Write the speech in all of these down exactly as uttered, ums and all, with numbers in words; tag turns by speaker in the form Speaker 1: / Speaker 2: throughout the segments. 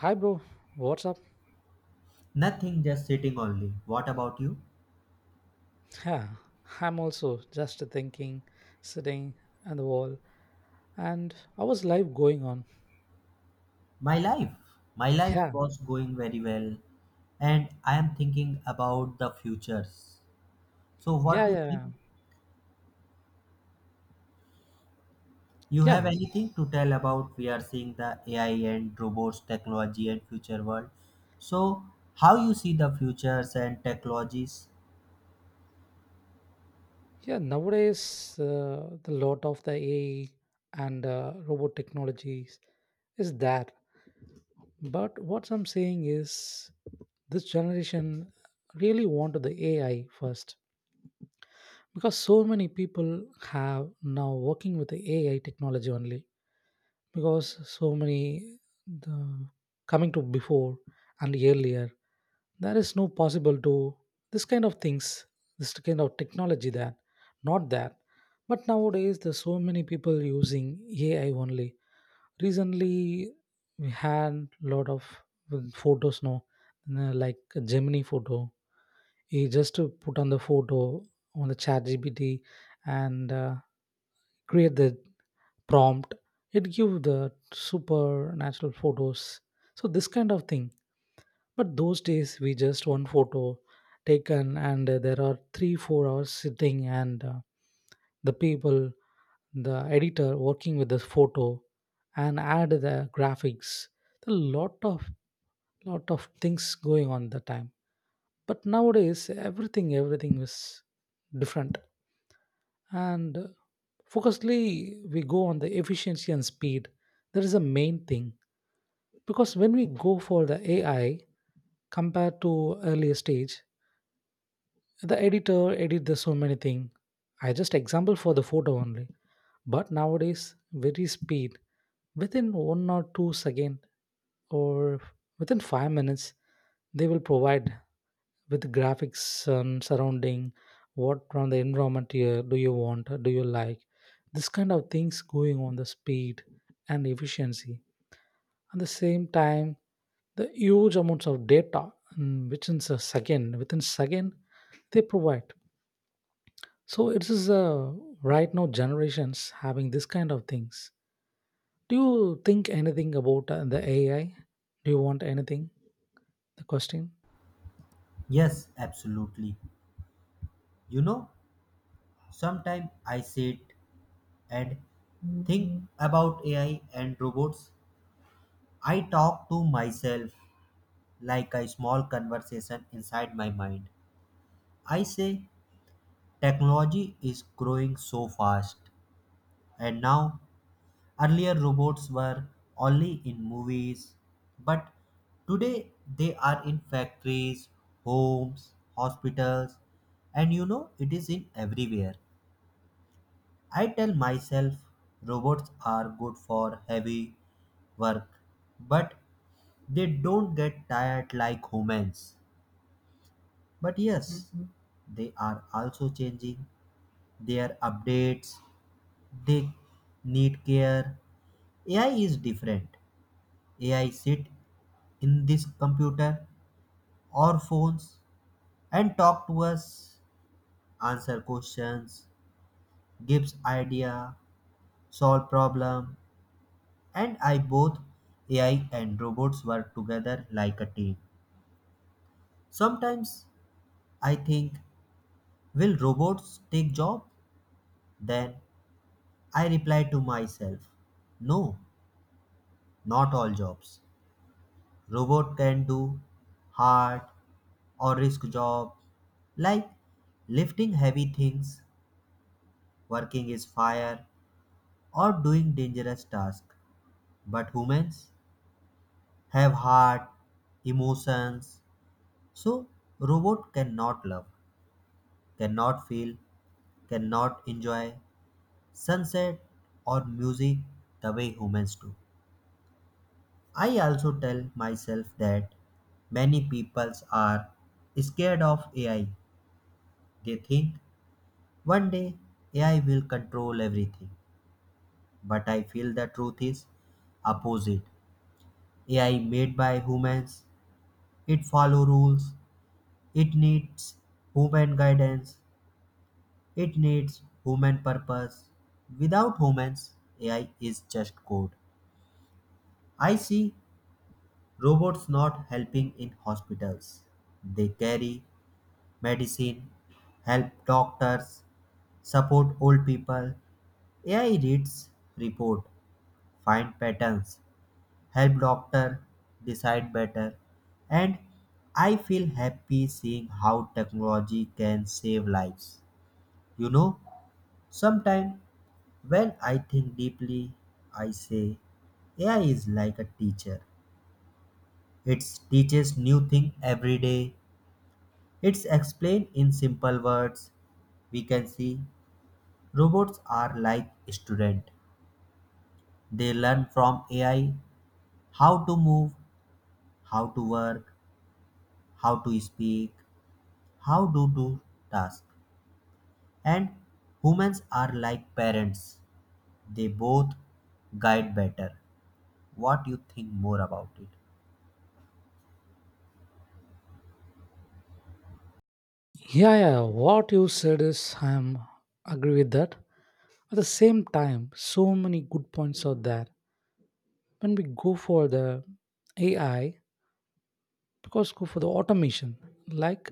Speaker 1: Hi, bro. What's up?
Speaker 2: Nothing, just sitting only. What about you?
Speaker 1: Yeah, I'm also just thinking, sitting on the wall, and how is life going on?
Speaker 2: My life. My life
Speaker 1: Yeah,
Speaker 2: was going very well and I am thinking about the futures. So what
Speaker 1: yeah,
Speaker 2: do you
Speaker 1: yeah, yeah,
Speaker 2: think? You have
Speaker 1: yeah.
Speaker 2: anything to tell about we are seeing the A I and robots technology and future world. So how you see the futures and technologies?
Speaker 1: yeah, Nowadays, uh, the lot of the A I and uh, robot technologies is that. But what I'm saying is, this generation really wanted the A I first because so many people have now working with the A I technology only because so many the coming to before and earlier there is no possible to this kind of things, this kind of technology that not that, but nowadays there's so many people using ai only. Recently we had lot of mm, photos now, uh, like gemini photo, he just to put on the photo on the chat gpt and uh, create the prompt, it give the supernatural photos. So this kind of thing, but those days we just one photo taken and uh, there are three four hours sitting and uh, the people, the editor working with this photo and add the graphics, a lot of, lot of things going on the time. But nowadays everything everything is different, and uh, focusly we go on the efficiency and speed. That is the main thing, because when we go for the ai compared to earlier stage, the editor edit the so many thing. I just example for the photo only, but nowadays very speed within one or two second or within five minutes they will provide with graphics, um, surrounding. What from the environment here do you want, do you like? This kind of things going on the speed and efficiency. At the same time, the huge amounts of data, mm, which a second within second they provide. So it is, uh, right now generations having this kind of things. Do you think anything about uh, the A I? Do you want anything? The question?
Speaker 2: Yes, absolutely. You know, sometimes I sit and think about A I and robots. I talk to myself like a small conversation inside my mind. I say technology is growing so fast, and now earlier robots were only in movies, but today they are in factories, homes, hospitals, and you know it is in everywhere. I tell myself robots are good for heavy work, but they don't get tired like humans. But yes. Mhm. They are also changing their updates. They need care. A I is different. A I sit in this computer or phones and talk to us, answer questions, gives idea, solve problem. And I both A I and robots work together like a team. Sometimes I think, will robots take job? Then I reply to myself, no, not all jobs. Robot can do hard or risk job like lifting heavy things, working is fire or doing dangerous tasks. But humans have heart, emotions. So robot cannot love, cannot feel, cannot enjoy sunset or music the way humans do. I also tell myself that many peoples are scared of A I. They think one day A I will control everything, but I feel the truth is opposite. A I made by humans, it follow rules, it needs human guidance, it needs human purpose. Without humans, A I is just code. I see robots not helping in hospitals. They carry medicine, help doctors, support old people. A I reads report, find patterns, help doctor decide better, and I feel happy seeing how technology can save lives. You know, sometimes when I think deeply, I say A I is like a teacher. It teaches new thing every day. It's explained in simple words. We can see robots are like student. They learn from A I how to move, how to work, how to speak, how to do tasks. And humans are like parents, they both guide better. What you think more about it?
Speaker 1: Yeah, yeah. What you said is I am agree with that. At the same time, so many good points are there. When we go for the A I, because go for the automation, like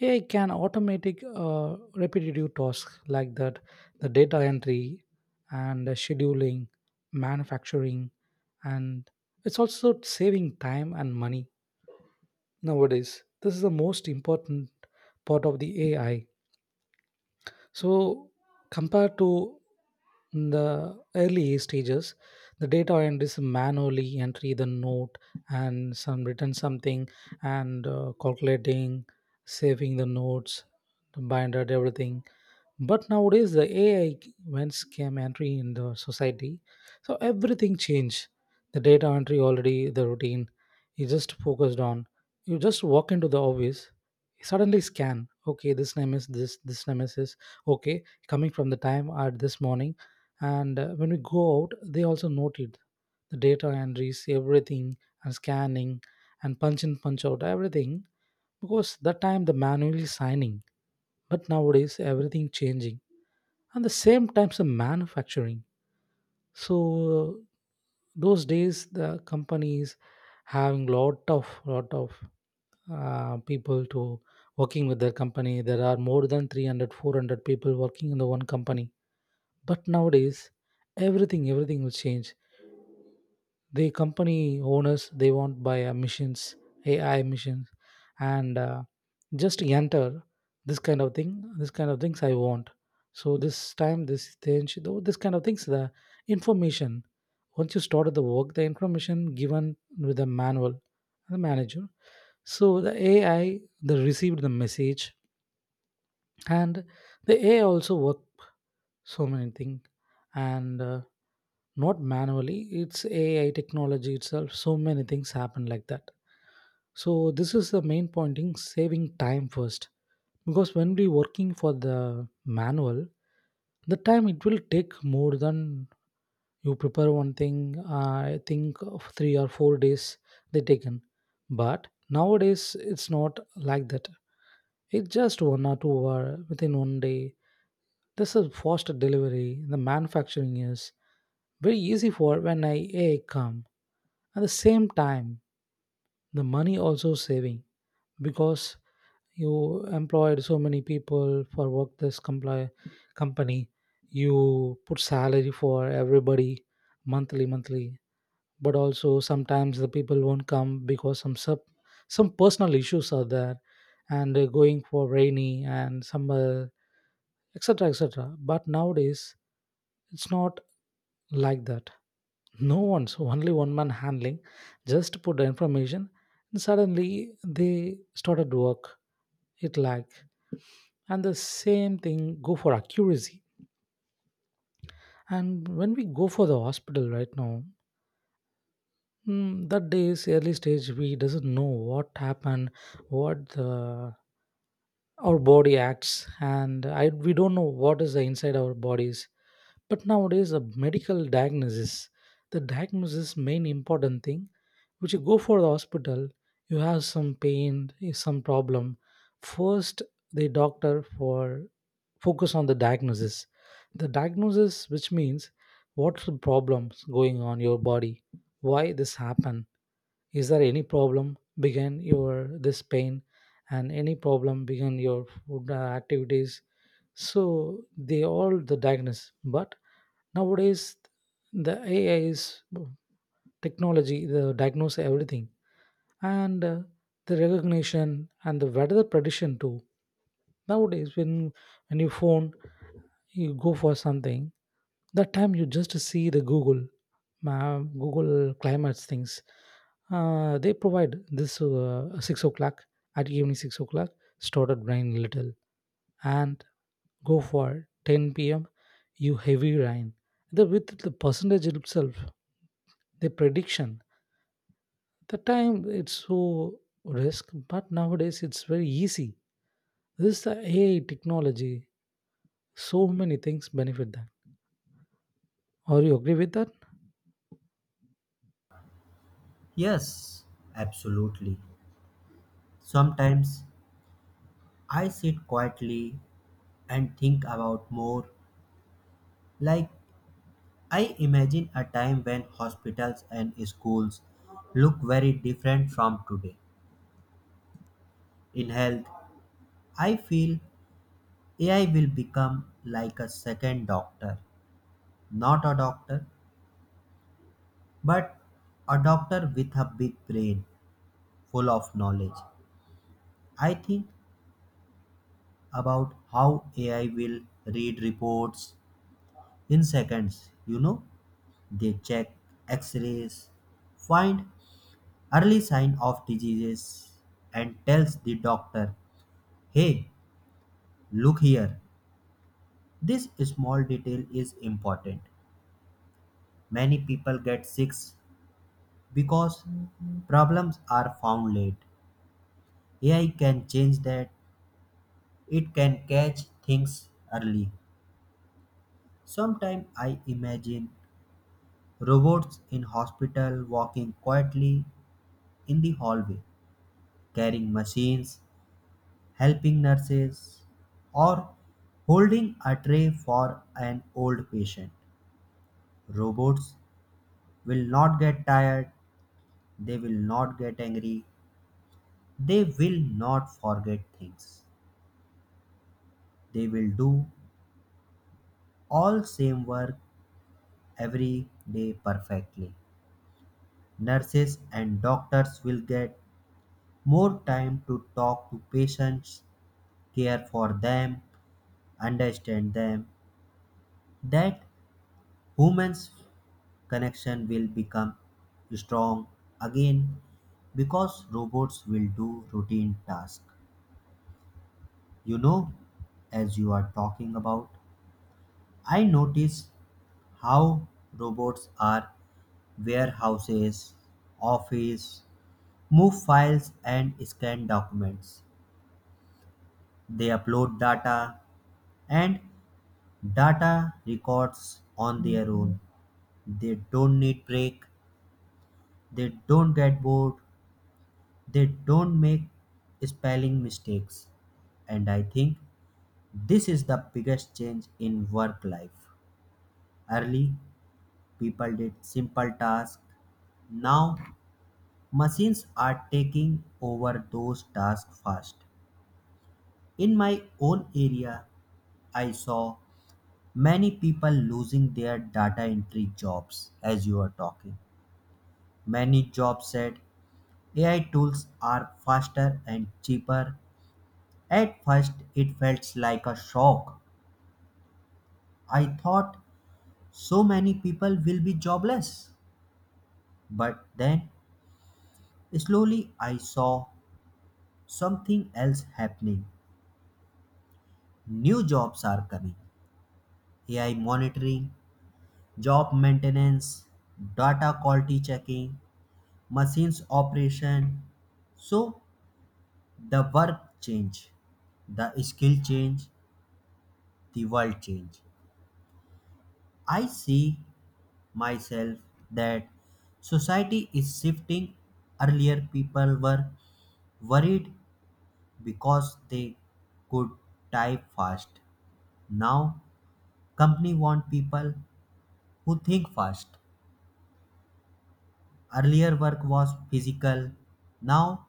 Speaker 1: A I can automatic uh, repetitive tasks like that, the data entry and the scheduling, manufacturing, and it's also saving time and money nowadays. This is the most important part of the A I. So, compared to the early stages, the data entries manually entry the note and some written something and uh, calculating, saving the notes, the binder, everything. But nowadays, the A I events came entry in the society, so everything changed. The data entry already the routine. You just focused on. You just walk into the office. Suddenly scan. Okay, this name is this. This name is this. Okay, coming from the time at this morning, and uh, when we go out they also noted the data entries everything, and scanning and punch in punch out everything, because that time the manually signing, but nowadays everything changing. And the same times the manufacturing, so those days the companies having lot of, lot of uh, people to working with their company. There are more than three hundred, four hundred people working in the one company, but nowadays everything everything will change. The company owners they want buy uh, machines, ai machines, and uh, just enter this kind of thing, this kind of things I want. So this time this thing though this kind of things, the information, once you started the work, the information given with the manual, the manager. So the A I they received the message, and the A I also work so many things, and uh, not manually, it's ai technology itself, so many things happen like that. So this is the main pointing saving time first, because when we working for the manual, the time it will take more than you prepare one thing, uh, I think of three or four days they taken, but nowadays it's not like that. It's just one or two hour within one day. This is faster delivery. The manufacturing is very easy for when I A I come. At the same time, the money also saving, because you employed so many people for work this compli company. You put salary for everybody monthly, monthly. But also sometimes the people won't come because some sub, some personal issues are there, and they're going for rainy and summer, etc, etc. But nowadays it's not like that. No one's, only one man handling. Just put the information and suddenly they started work. It lag, and the same thing go for accuracy. And when we go for the hospital right now, mm, that day's early stage we doesn't know what happened, what the, our body acts, and I, we don't know what is the inside our bodies. But nowadays, a medical diagnosis, the diagnosis main important thing, which you go for the hospital, you have some pain, eh, some problem. First, the doctor for focus on the diagnosis. The diagnosis, which means what are the problems going on your body, why this happen? Is there any problem begin your this pain, and any problem begin your food, uh, activities. So they all the diagnosis, but nowadays, the A I is technology, the diagnose everything, and uh, the recognition and the weather prediction too. Nowadays, when when you phone, you go for something. That time you just see the Google, ma- Google climates things. Uh, they provide this uh, six o'clock at evening six o'clock. Started rain little and go for ten p m you heavy rain. The with the percentage itself, the prediction. The time it's so risk, but nowadays it's very easy. This is the A I technology. So many things benefit that. Or you agree with that?
Speaker 2: Yes, absolutely. Sometimes I sit quietly and think about more. Like I imagine a time when hospitals and schools look very different from today. In health, I feel A I will become like a second doctor, not a doctor, but a doctor with a big brain full of knowledge. I think about how A I will read reports in seconds. You know, they check x rays, find early sign of diseases, and tells the doctor, hey, look here. This small detail is important. Many people get sick because problems are found late. A I can change that. It can catch things early. Sometimes I imagine robots in hospital walking quietly in the hallway, carrying machines, helping nurses, or holding a tray for an old patient. Robots will not get tired, they will not get angry, they will not forget things. They will do all same work every day perfectly. Nurses and doctors will get more time to talk to patients, care for them, understand them. That human's connection will become strong again because robots will do routine tasks. You know, as you are talking about, I notice how robots are warehouses, office, move files and scan documents. They upload data and data records on their own. They don't need break, they don't get bored, they don't make spelling mistakes. And I think this is the biggest change in work life. Early, people did simple tasks. Now, machines are taking over those tasks fast. In my own area, I saw many people losing their data entry jobs as you are talking many jobs said ai tools are faster and cheaper. At first it felt like a shock. I thought so many people will be jobless, but then slowly I saw something else happening. New jobs are coming: ai monitoring, job maintenance, data quality checking, machines operation. So the verb change, the skill change, the world change. I see myself that society is shifting. Earlier, people were worried because they could type fast. Now, company want people who think fast. Earlier, work was physical. Now,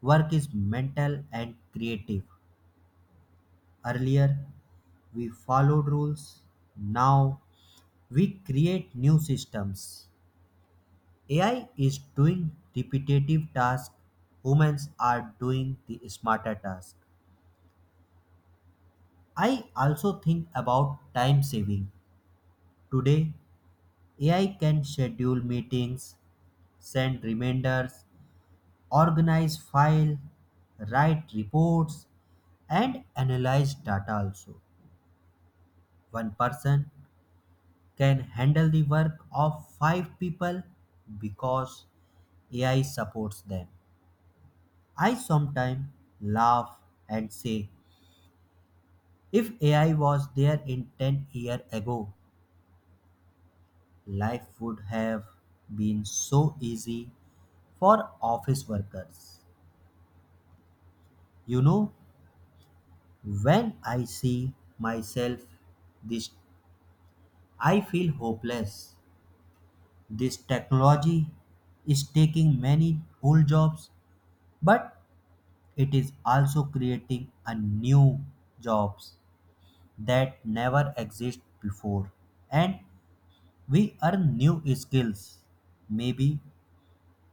Speaker 2: work is mental and creative. Earlier, we followed rules. Now, we create new systems. Ai is doing repetitive tasks, humans are doing the smarter tasks. I also think about time saving. Today ai can schedule meetings, send reminders, organize files, write reports and analyze data also. One person can handle the work of five people because ai supports them. I sometimes laugh and say, if A I was there in ten years ago, life would have been so easy for office workers. You know, when I see myself this I feel hopeless. This technology is taking many old jobs, but it is also creating a new jobs that never exist before. And we earn new skills. Maybe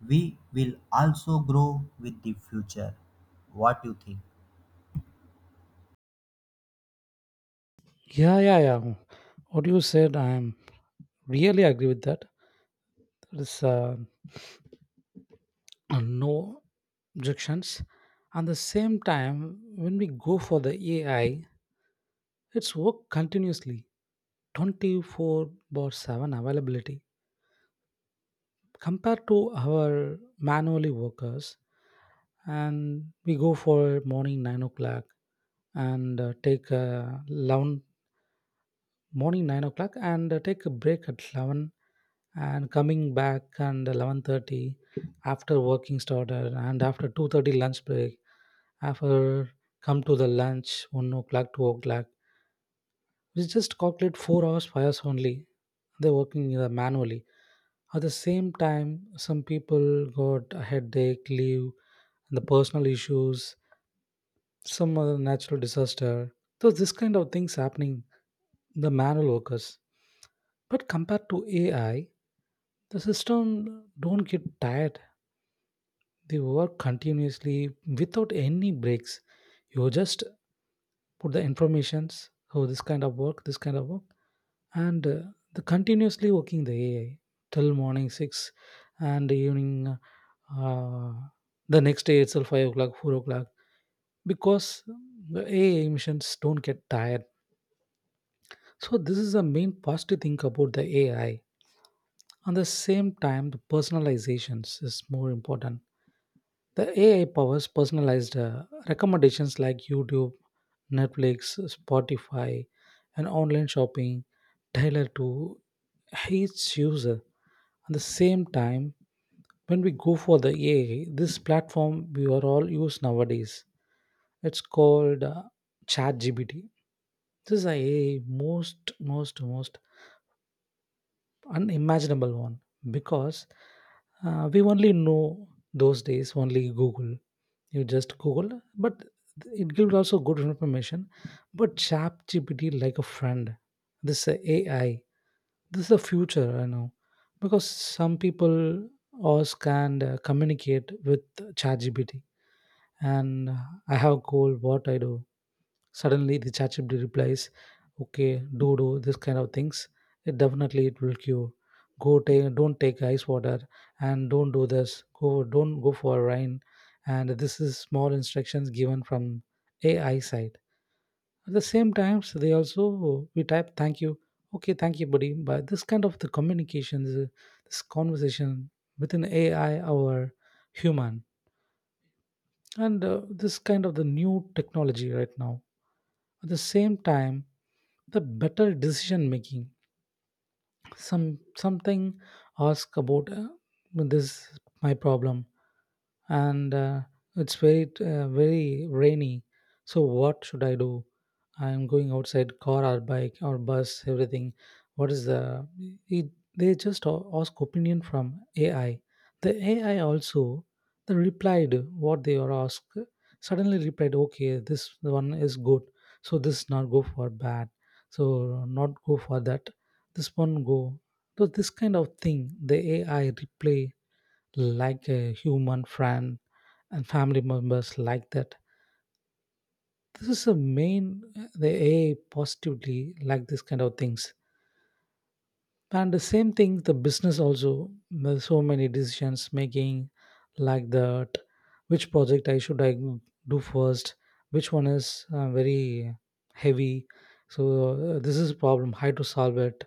Speaker 2: we will also grow with the future. What you think?
Speaker 1: Yeah, yeah, yeah. What you said, I am really agree with that. There is uh, no objections. At the same time, when we go for the A I, it's work continuously, twenty-four bar seven availability compared to our manually workers. And we go for morning nine o'clock and uh, take a long morning nine o'clock and uh, take a break at eleven and coming back and eleven thirty, after working started, and after two thirty lunch break. After come to the lunch one o'clock, two o'clock, we just calculate four hours, five hours only. They're working uh, manually. At the same time, some people got a headache, leave, and the personal issues, some other natural disaster. So this kind of things happening the manual workers. But compared to A I, the system don't get tired. They work continuously without any breaks. You just put the informations. Oh, this kind of work, this kind of work, and uh, the continuously working the A I till morning six and evening. Uh, the next day itself five o'clock, four o'clock, because the A I missions don't get tired. So this is the main positive thing about the A I. At the same time, the personalizations is more important. The A I powers personalized uh, recommendations like YouTube, Netflix, Spotify, and online shopping tailored to each user. At the same time, when we go for the A I, this platform we are all use nowadays. It's called uh, ChatGPT. This is a most most most unimaginable one, because uh, we only know those days only google. You just google, but it gives also good information. But ChatGPT like a friend, this uh, ai, this is the future I know, because some people ask and uh, communicate with ChatGPT, and uh, I have a goal what I do, suddenly the ChatGPT replies, "Okay, do do this kind of things." It definitely it will cure. Go take, don't take ice water, and don't do this. Go don't go for a rain. And this is small instructions given from A I side. At the same times, they also we type thank you. Okay, thank you, buddy. But this kind of the communication, this, this conversation within A I or human, and uh, this kind of the new technology right now. At the same time, the better decision making, some something ask about uh, this my problem, and uh, it's very uh, very rainy, so what should I do? I'm going outside car or bike or bus, everything. What is the it, they just a- ask opinion from ai. The ai also they replied what they are asked, suddenly replied, okay this one is good, so this not go for bad, so not go for that, this one go. So this kind of thing the ai replay like a human friend and family members like that. This is a main the A I positively like this kind of things. And the same thing the business also there's so many decisions making like that, which project I should I do first, which one is uh, very heavy. So uh, this is a problem. How to solve it?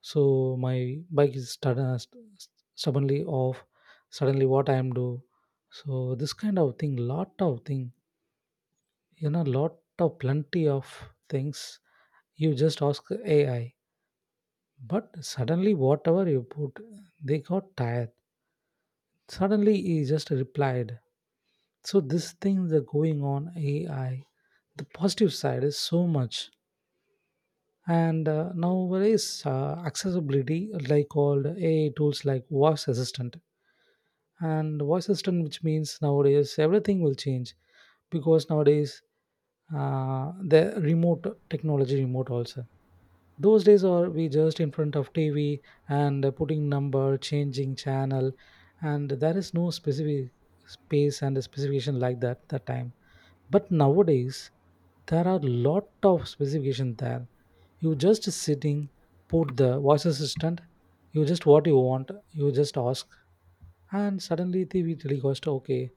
Speaker 1: So my bike is stud- uh, st- stubbornly off. Suddenly, what I am do? So this kind of thing, lot of thing, you know, lot of plenty of things, you just ask ai, but suddenly whatever you put, they got tired, suddenly he just replied. So this thing that going on ai, the positive side is so much. And uh, nowadays, uh, accessibility like called ai tools like voice assistant. And voice assistant, which means nowadays everything will change, because nowadays, uh, the remote technology, remote also. Those days are we just in front of T V and uh, putting number, changing channel, and there is no specific space and specification like that that time. But nowadays there are lot of specification there. You just sitting, put the voice assistant, you just what you want, you just ask, and suddenly the we request okay,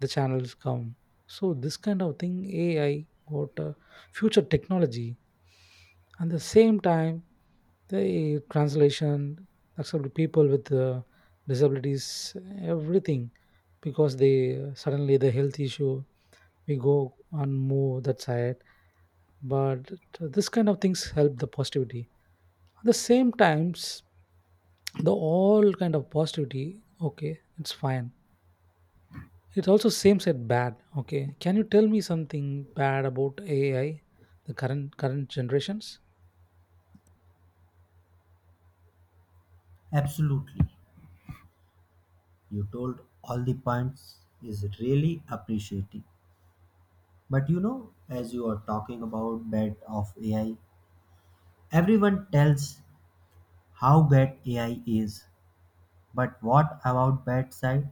Speaker 1: the channels come. So this kind of thing A I got uh, future technology. And the same time the translation accept people with uh, disabilities, everything, because they suddenly the health issue we go and move that side. But this kind of things help the positivity. At the same times, the all kind of positivity, okay it's fine. It also seems at bad. Okay, can you tell me something bad about ai, the current current generations?
Speaker 2: Absolutely. You told all the points is really appreciating. But you know, as you are talking about bad of A I, everyone tells how bad A I is. But what about bad side?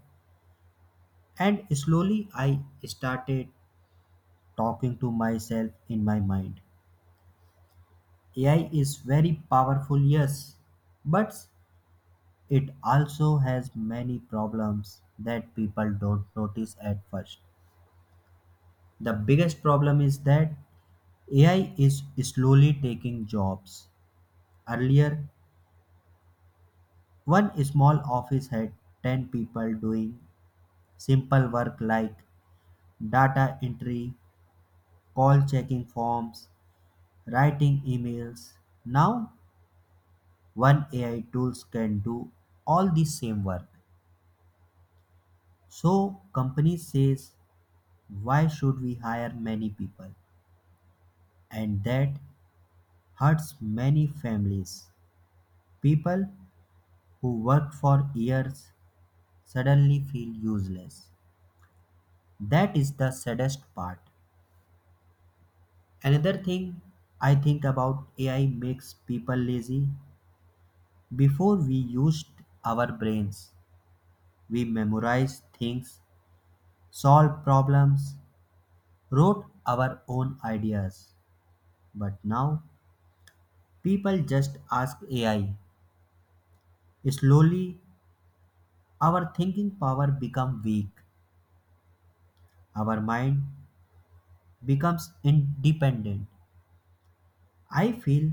Speaker 2: And slowly I started talking to myself in my mind. A I is very powerful, yes, but it also has many problems that people don't notice at first. The biggest problem is that A I is slowly taking jobs. Earlier, one small office had ten people doing simple work like data entry, call checking forms, writing emails. Now, one A I tools can do all the same work. So, company says, why should we hire many people? And that hurts many families. People who work for years suddenly feel useless. That is the saddest part. Another thing I think about A I makes people lazy. Before we used our brains, we memorized things, solved problems, wrote our own ideas. But now people just ask A I. Slowly, our thinking power become weak. Our mind becomes independent. I feel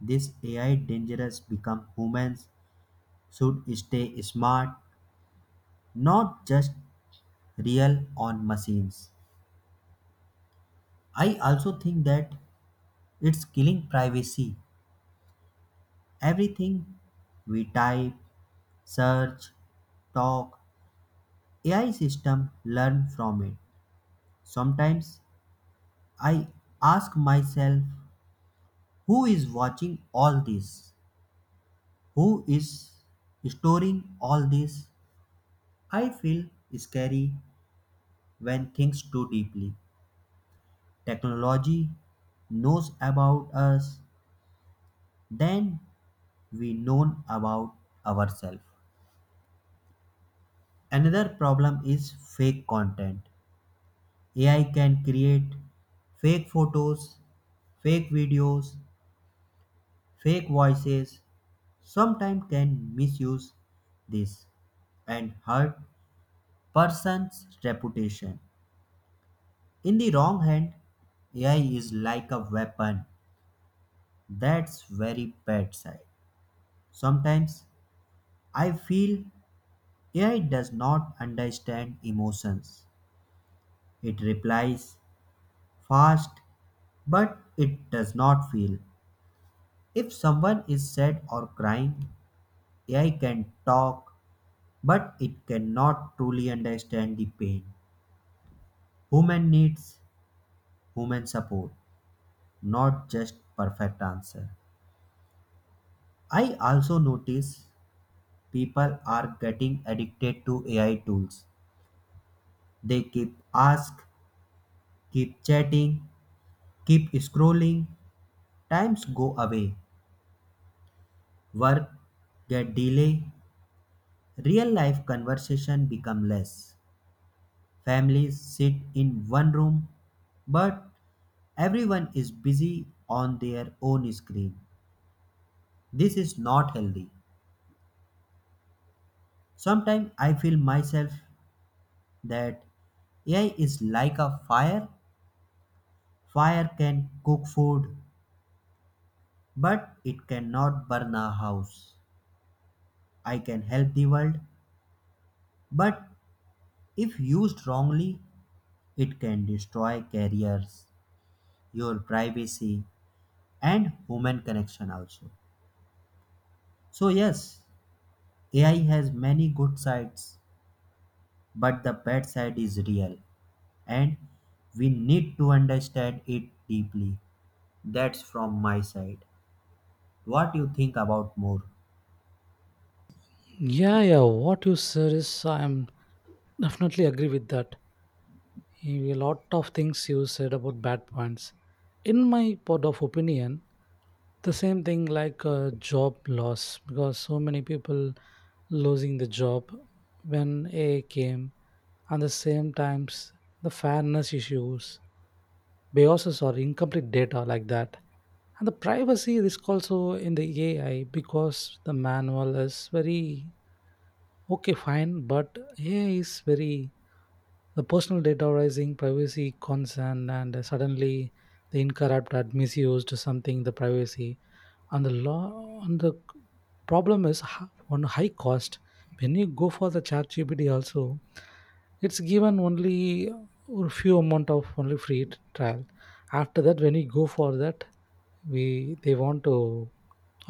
Speaker 2: this A I dangerous become humans should stay smart, not just real on machines. I also think that it's killing privacy. Everything we type, search, talk, A I system learn from it. Sometimes I ask myself, who is watching all this? Who is storing all this? I feel scary when things too deeply. Technology knows about us than we know about ourselves. Another problem is fake content. A I can create fake photos, fake videos, fake voices, sometimes can misuse this and hurt person's reputation. In the wrong hand, A I is like a weapon, that's very bad side. Sometimes I feel A I does not understand emotions. It replies fast, but it does not feel. If someone is sad or crying, A I can talk, but it cannot truly understand the pain. Human needs human support, not just perfect answer. I also notice people are getting addicted to A I tools. They keep ask, keep chatting, keep scrolling. Times go away. Work get delay. Real life conversation become less. Families sit in one room, but everyone is busy on their own screen. This is not healthy. Sometimes I feel myself that A I is like a fire. Fire can cook food, but it cannot burn a house. I can help the world, but if used wrongly, it can destroy careers, your privacy, and human connection also. So, yes, A I has many good sides, but the bad side is real, and we need to understand it deeply. That's from my side. What you think about more?
Speaker 1: Yeah, yeah. What you said is, I'm definitely agree with that. A lot of things you said about bad points. In my part of opinion, the same thing like uh, job loss because so many people losing the job when A I came, and the same times the fairness issues, biases or incomplete data like that, and the privacy risk also in the A I, because the manual is very okay fine, but A I is very the personal data rising privacy concern. And suddenly the incorrupt had misused something the privacy and the law, and the problem is h- on high cost. When you go for the chat gpt also, it's given only a few amount of only free t- trial. After that when you go for that, we they want to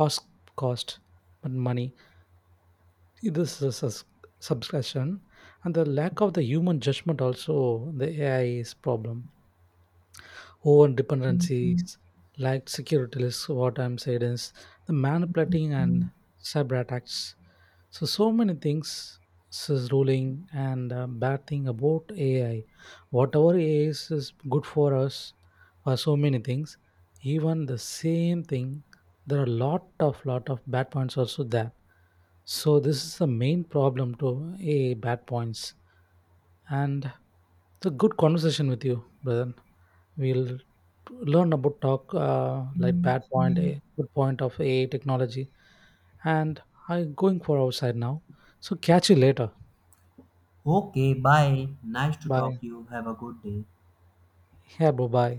Speaker 1: ask cost but money, this is a subscription. And the lack of the human judgment also the ai is problem, over dependencies, like security lists. What I'm saying is the manipulating and cyber attacks. So, so many things is ruling and uh, bad thing about A I. Whatever A I is, is good for us for so many things, even the same thing, there are lot of, lot of bad points also there. So this is the main problem to A A bad points. And it's a good conversation with you, brother. We'll learn about talk uh, like bad point, a good point of A I technology. And I'm going for outside now. So catch you later.
Speaker 2: Okay, bye. Nice to talk
Speaker 1: Bye.
Speaker 2: to you. Have a good day.
Speaker 1: Yeah, bro. Bye.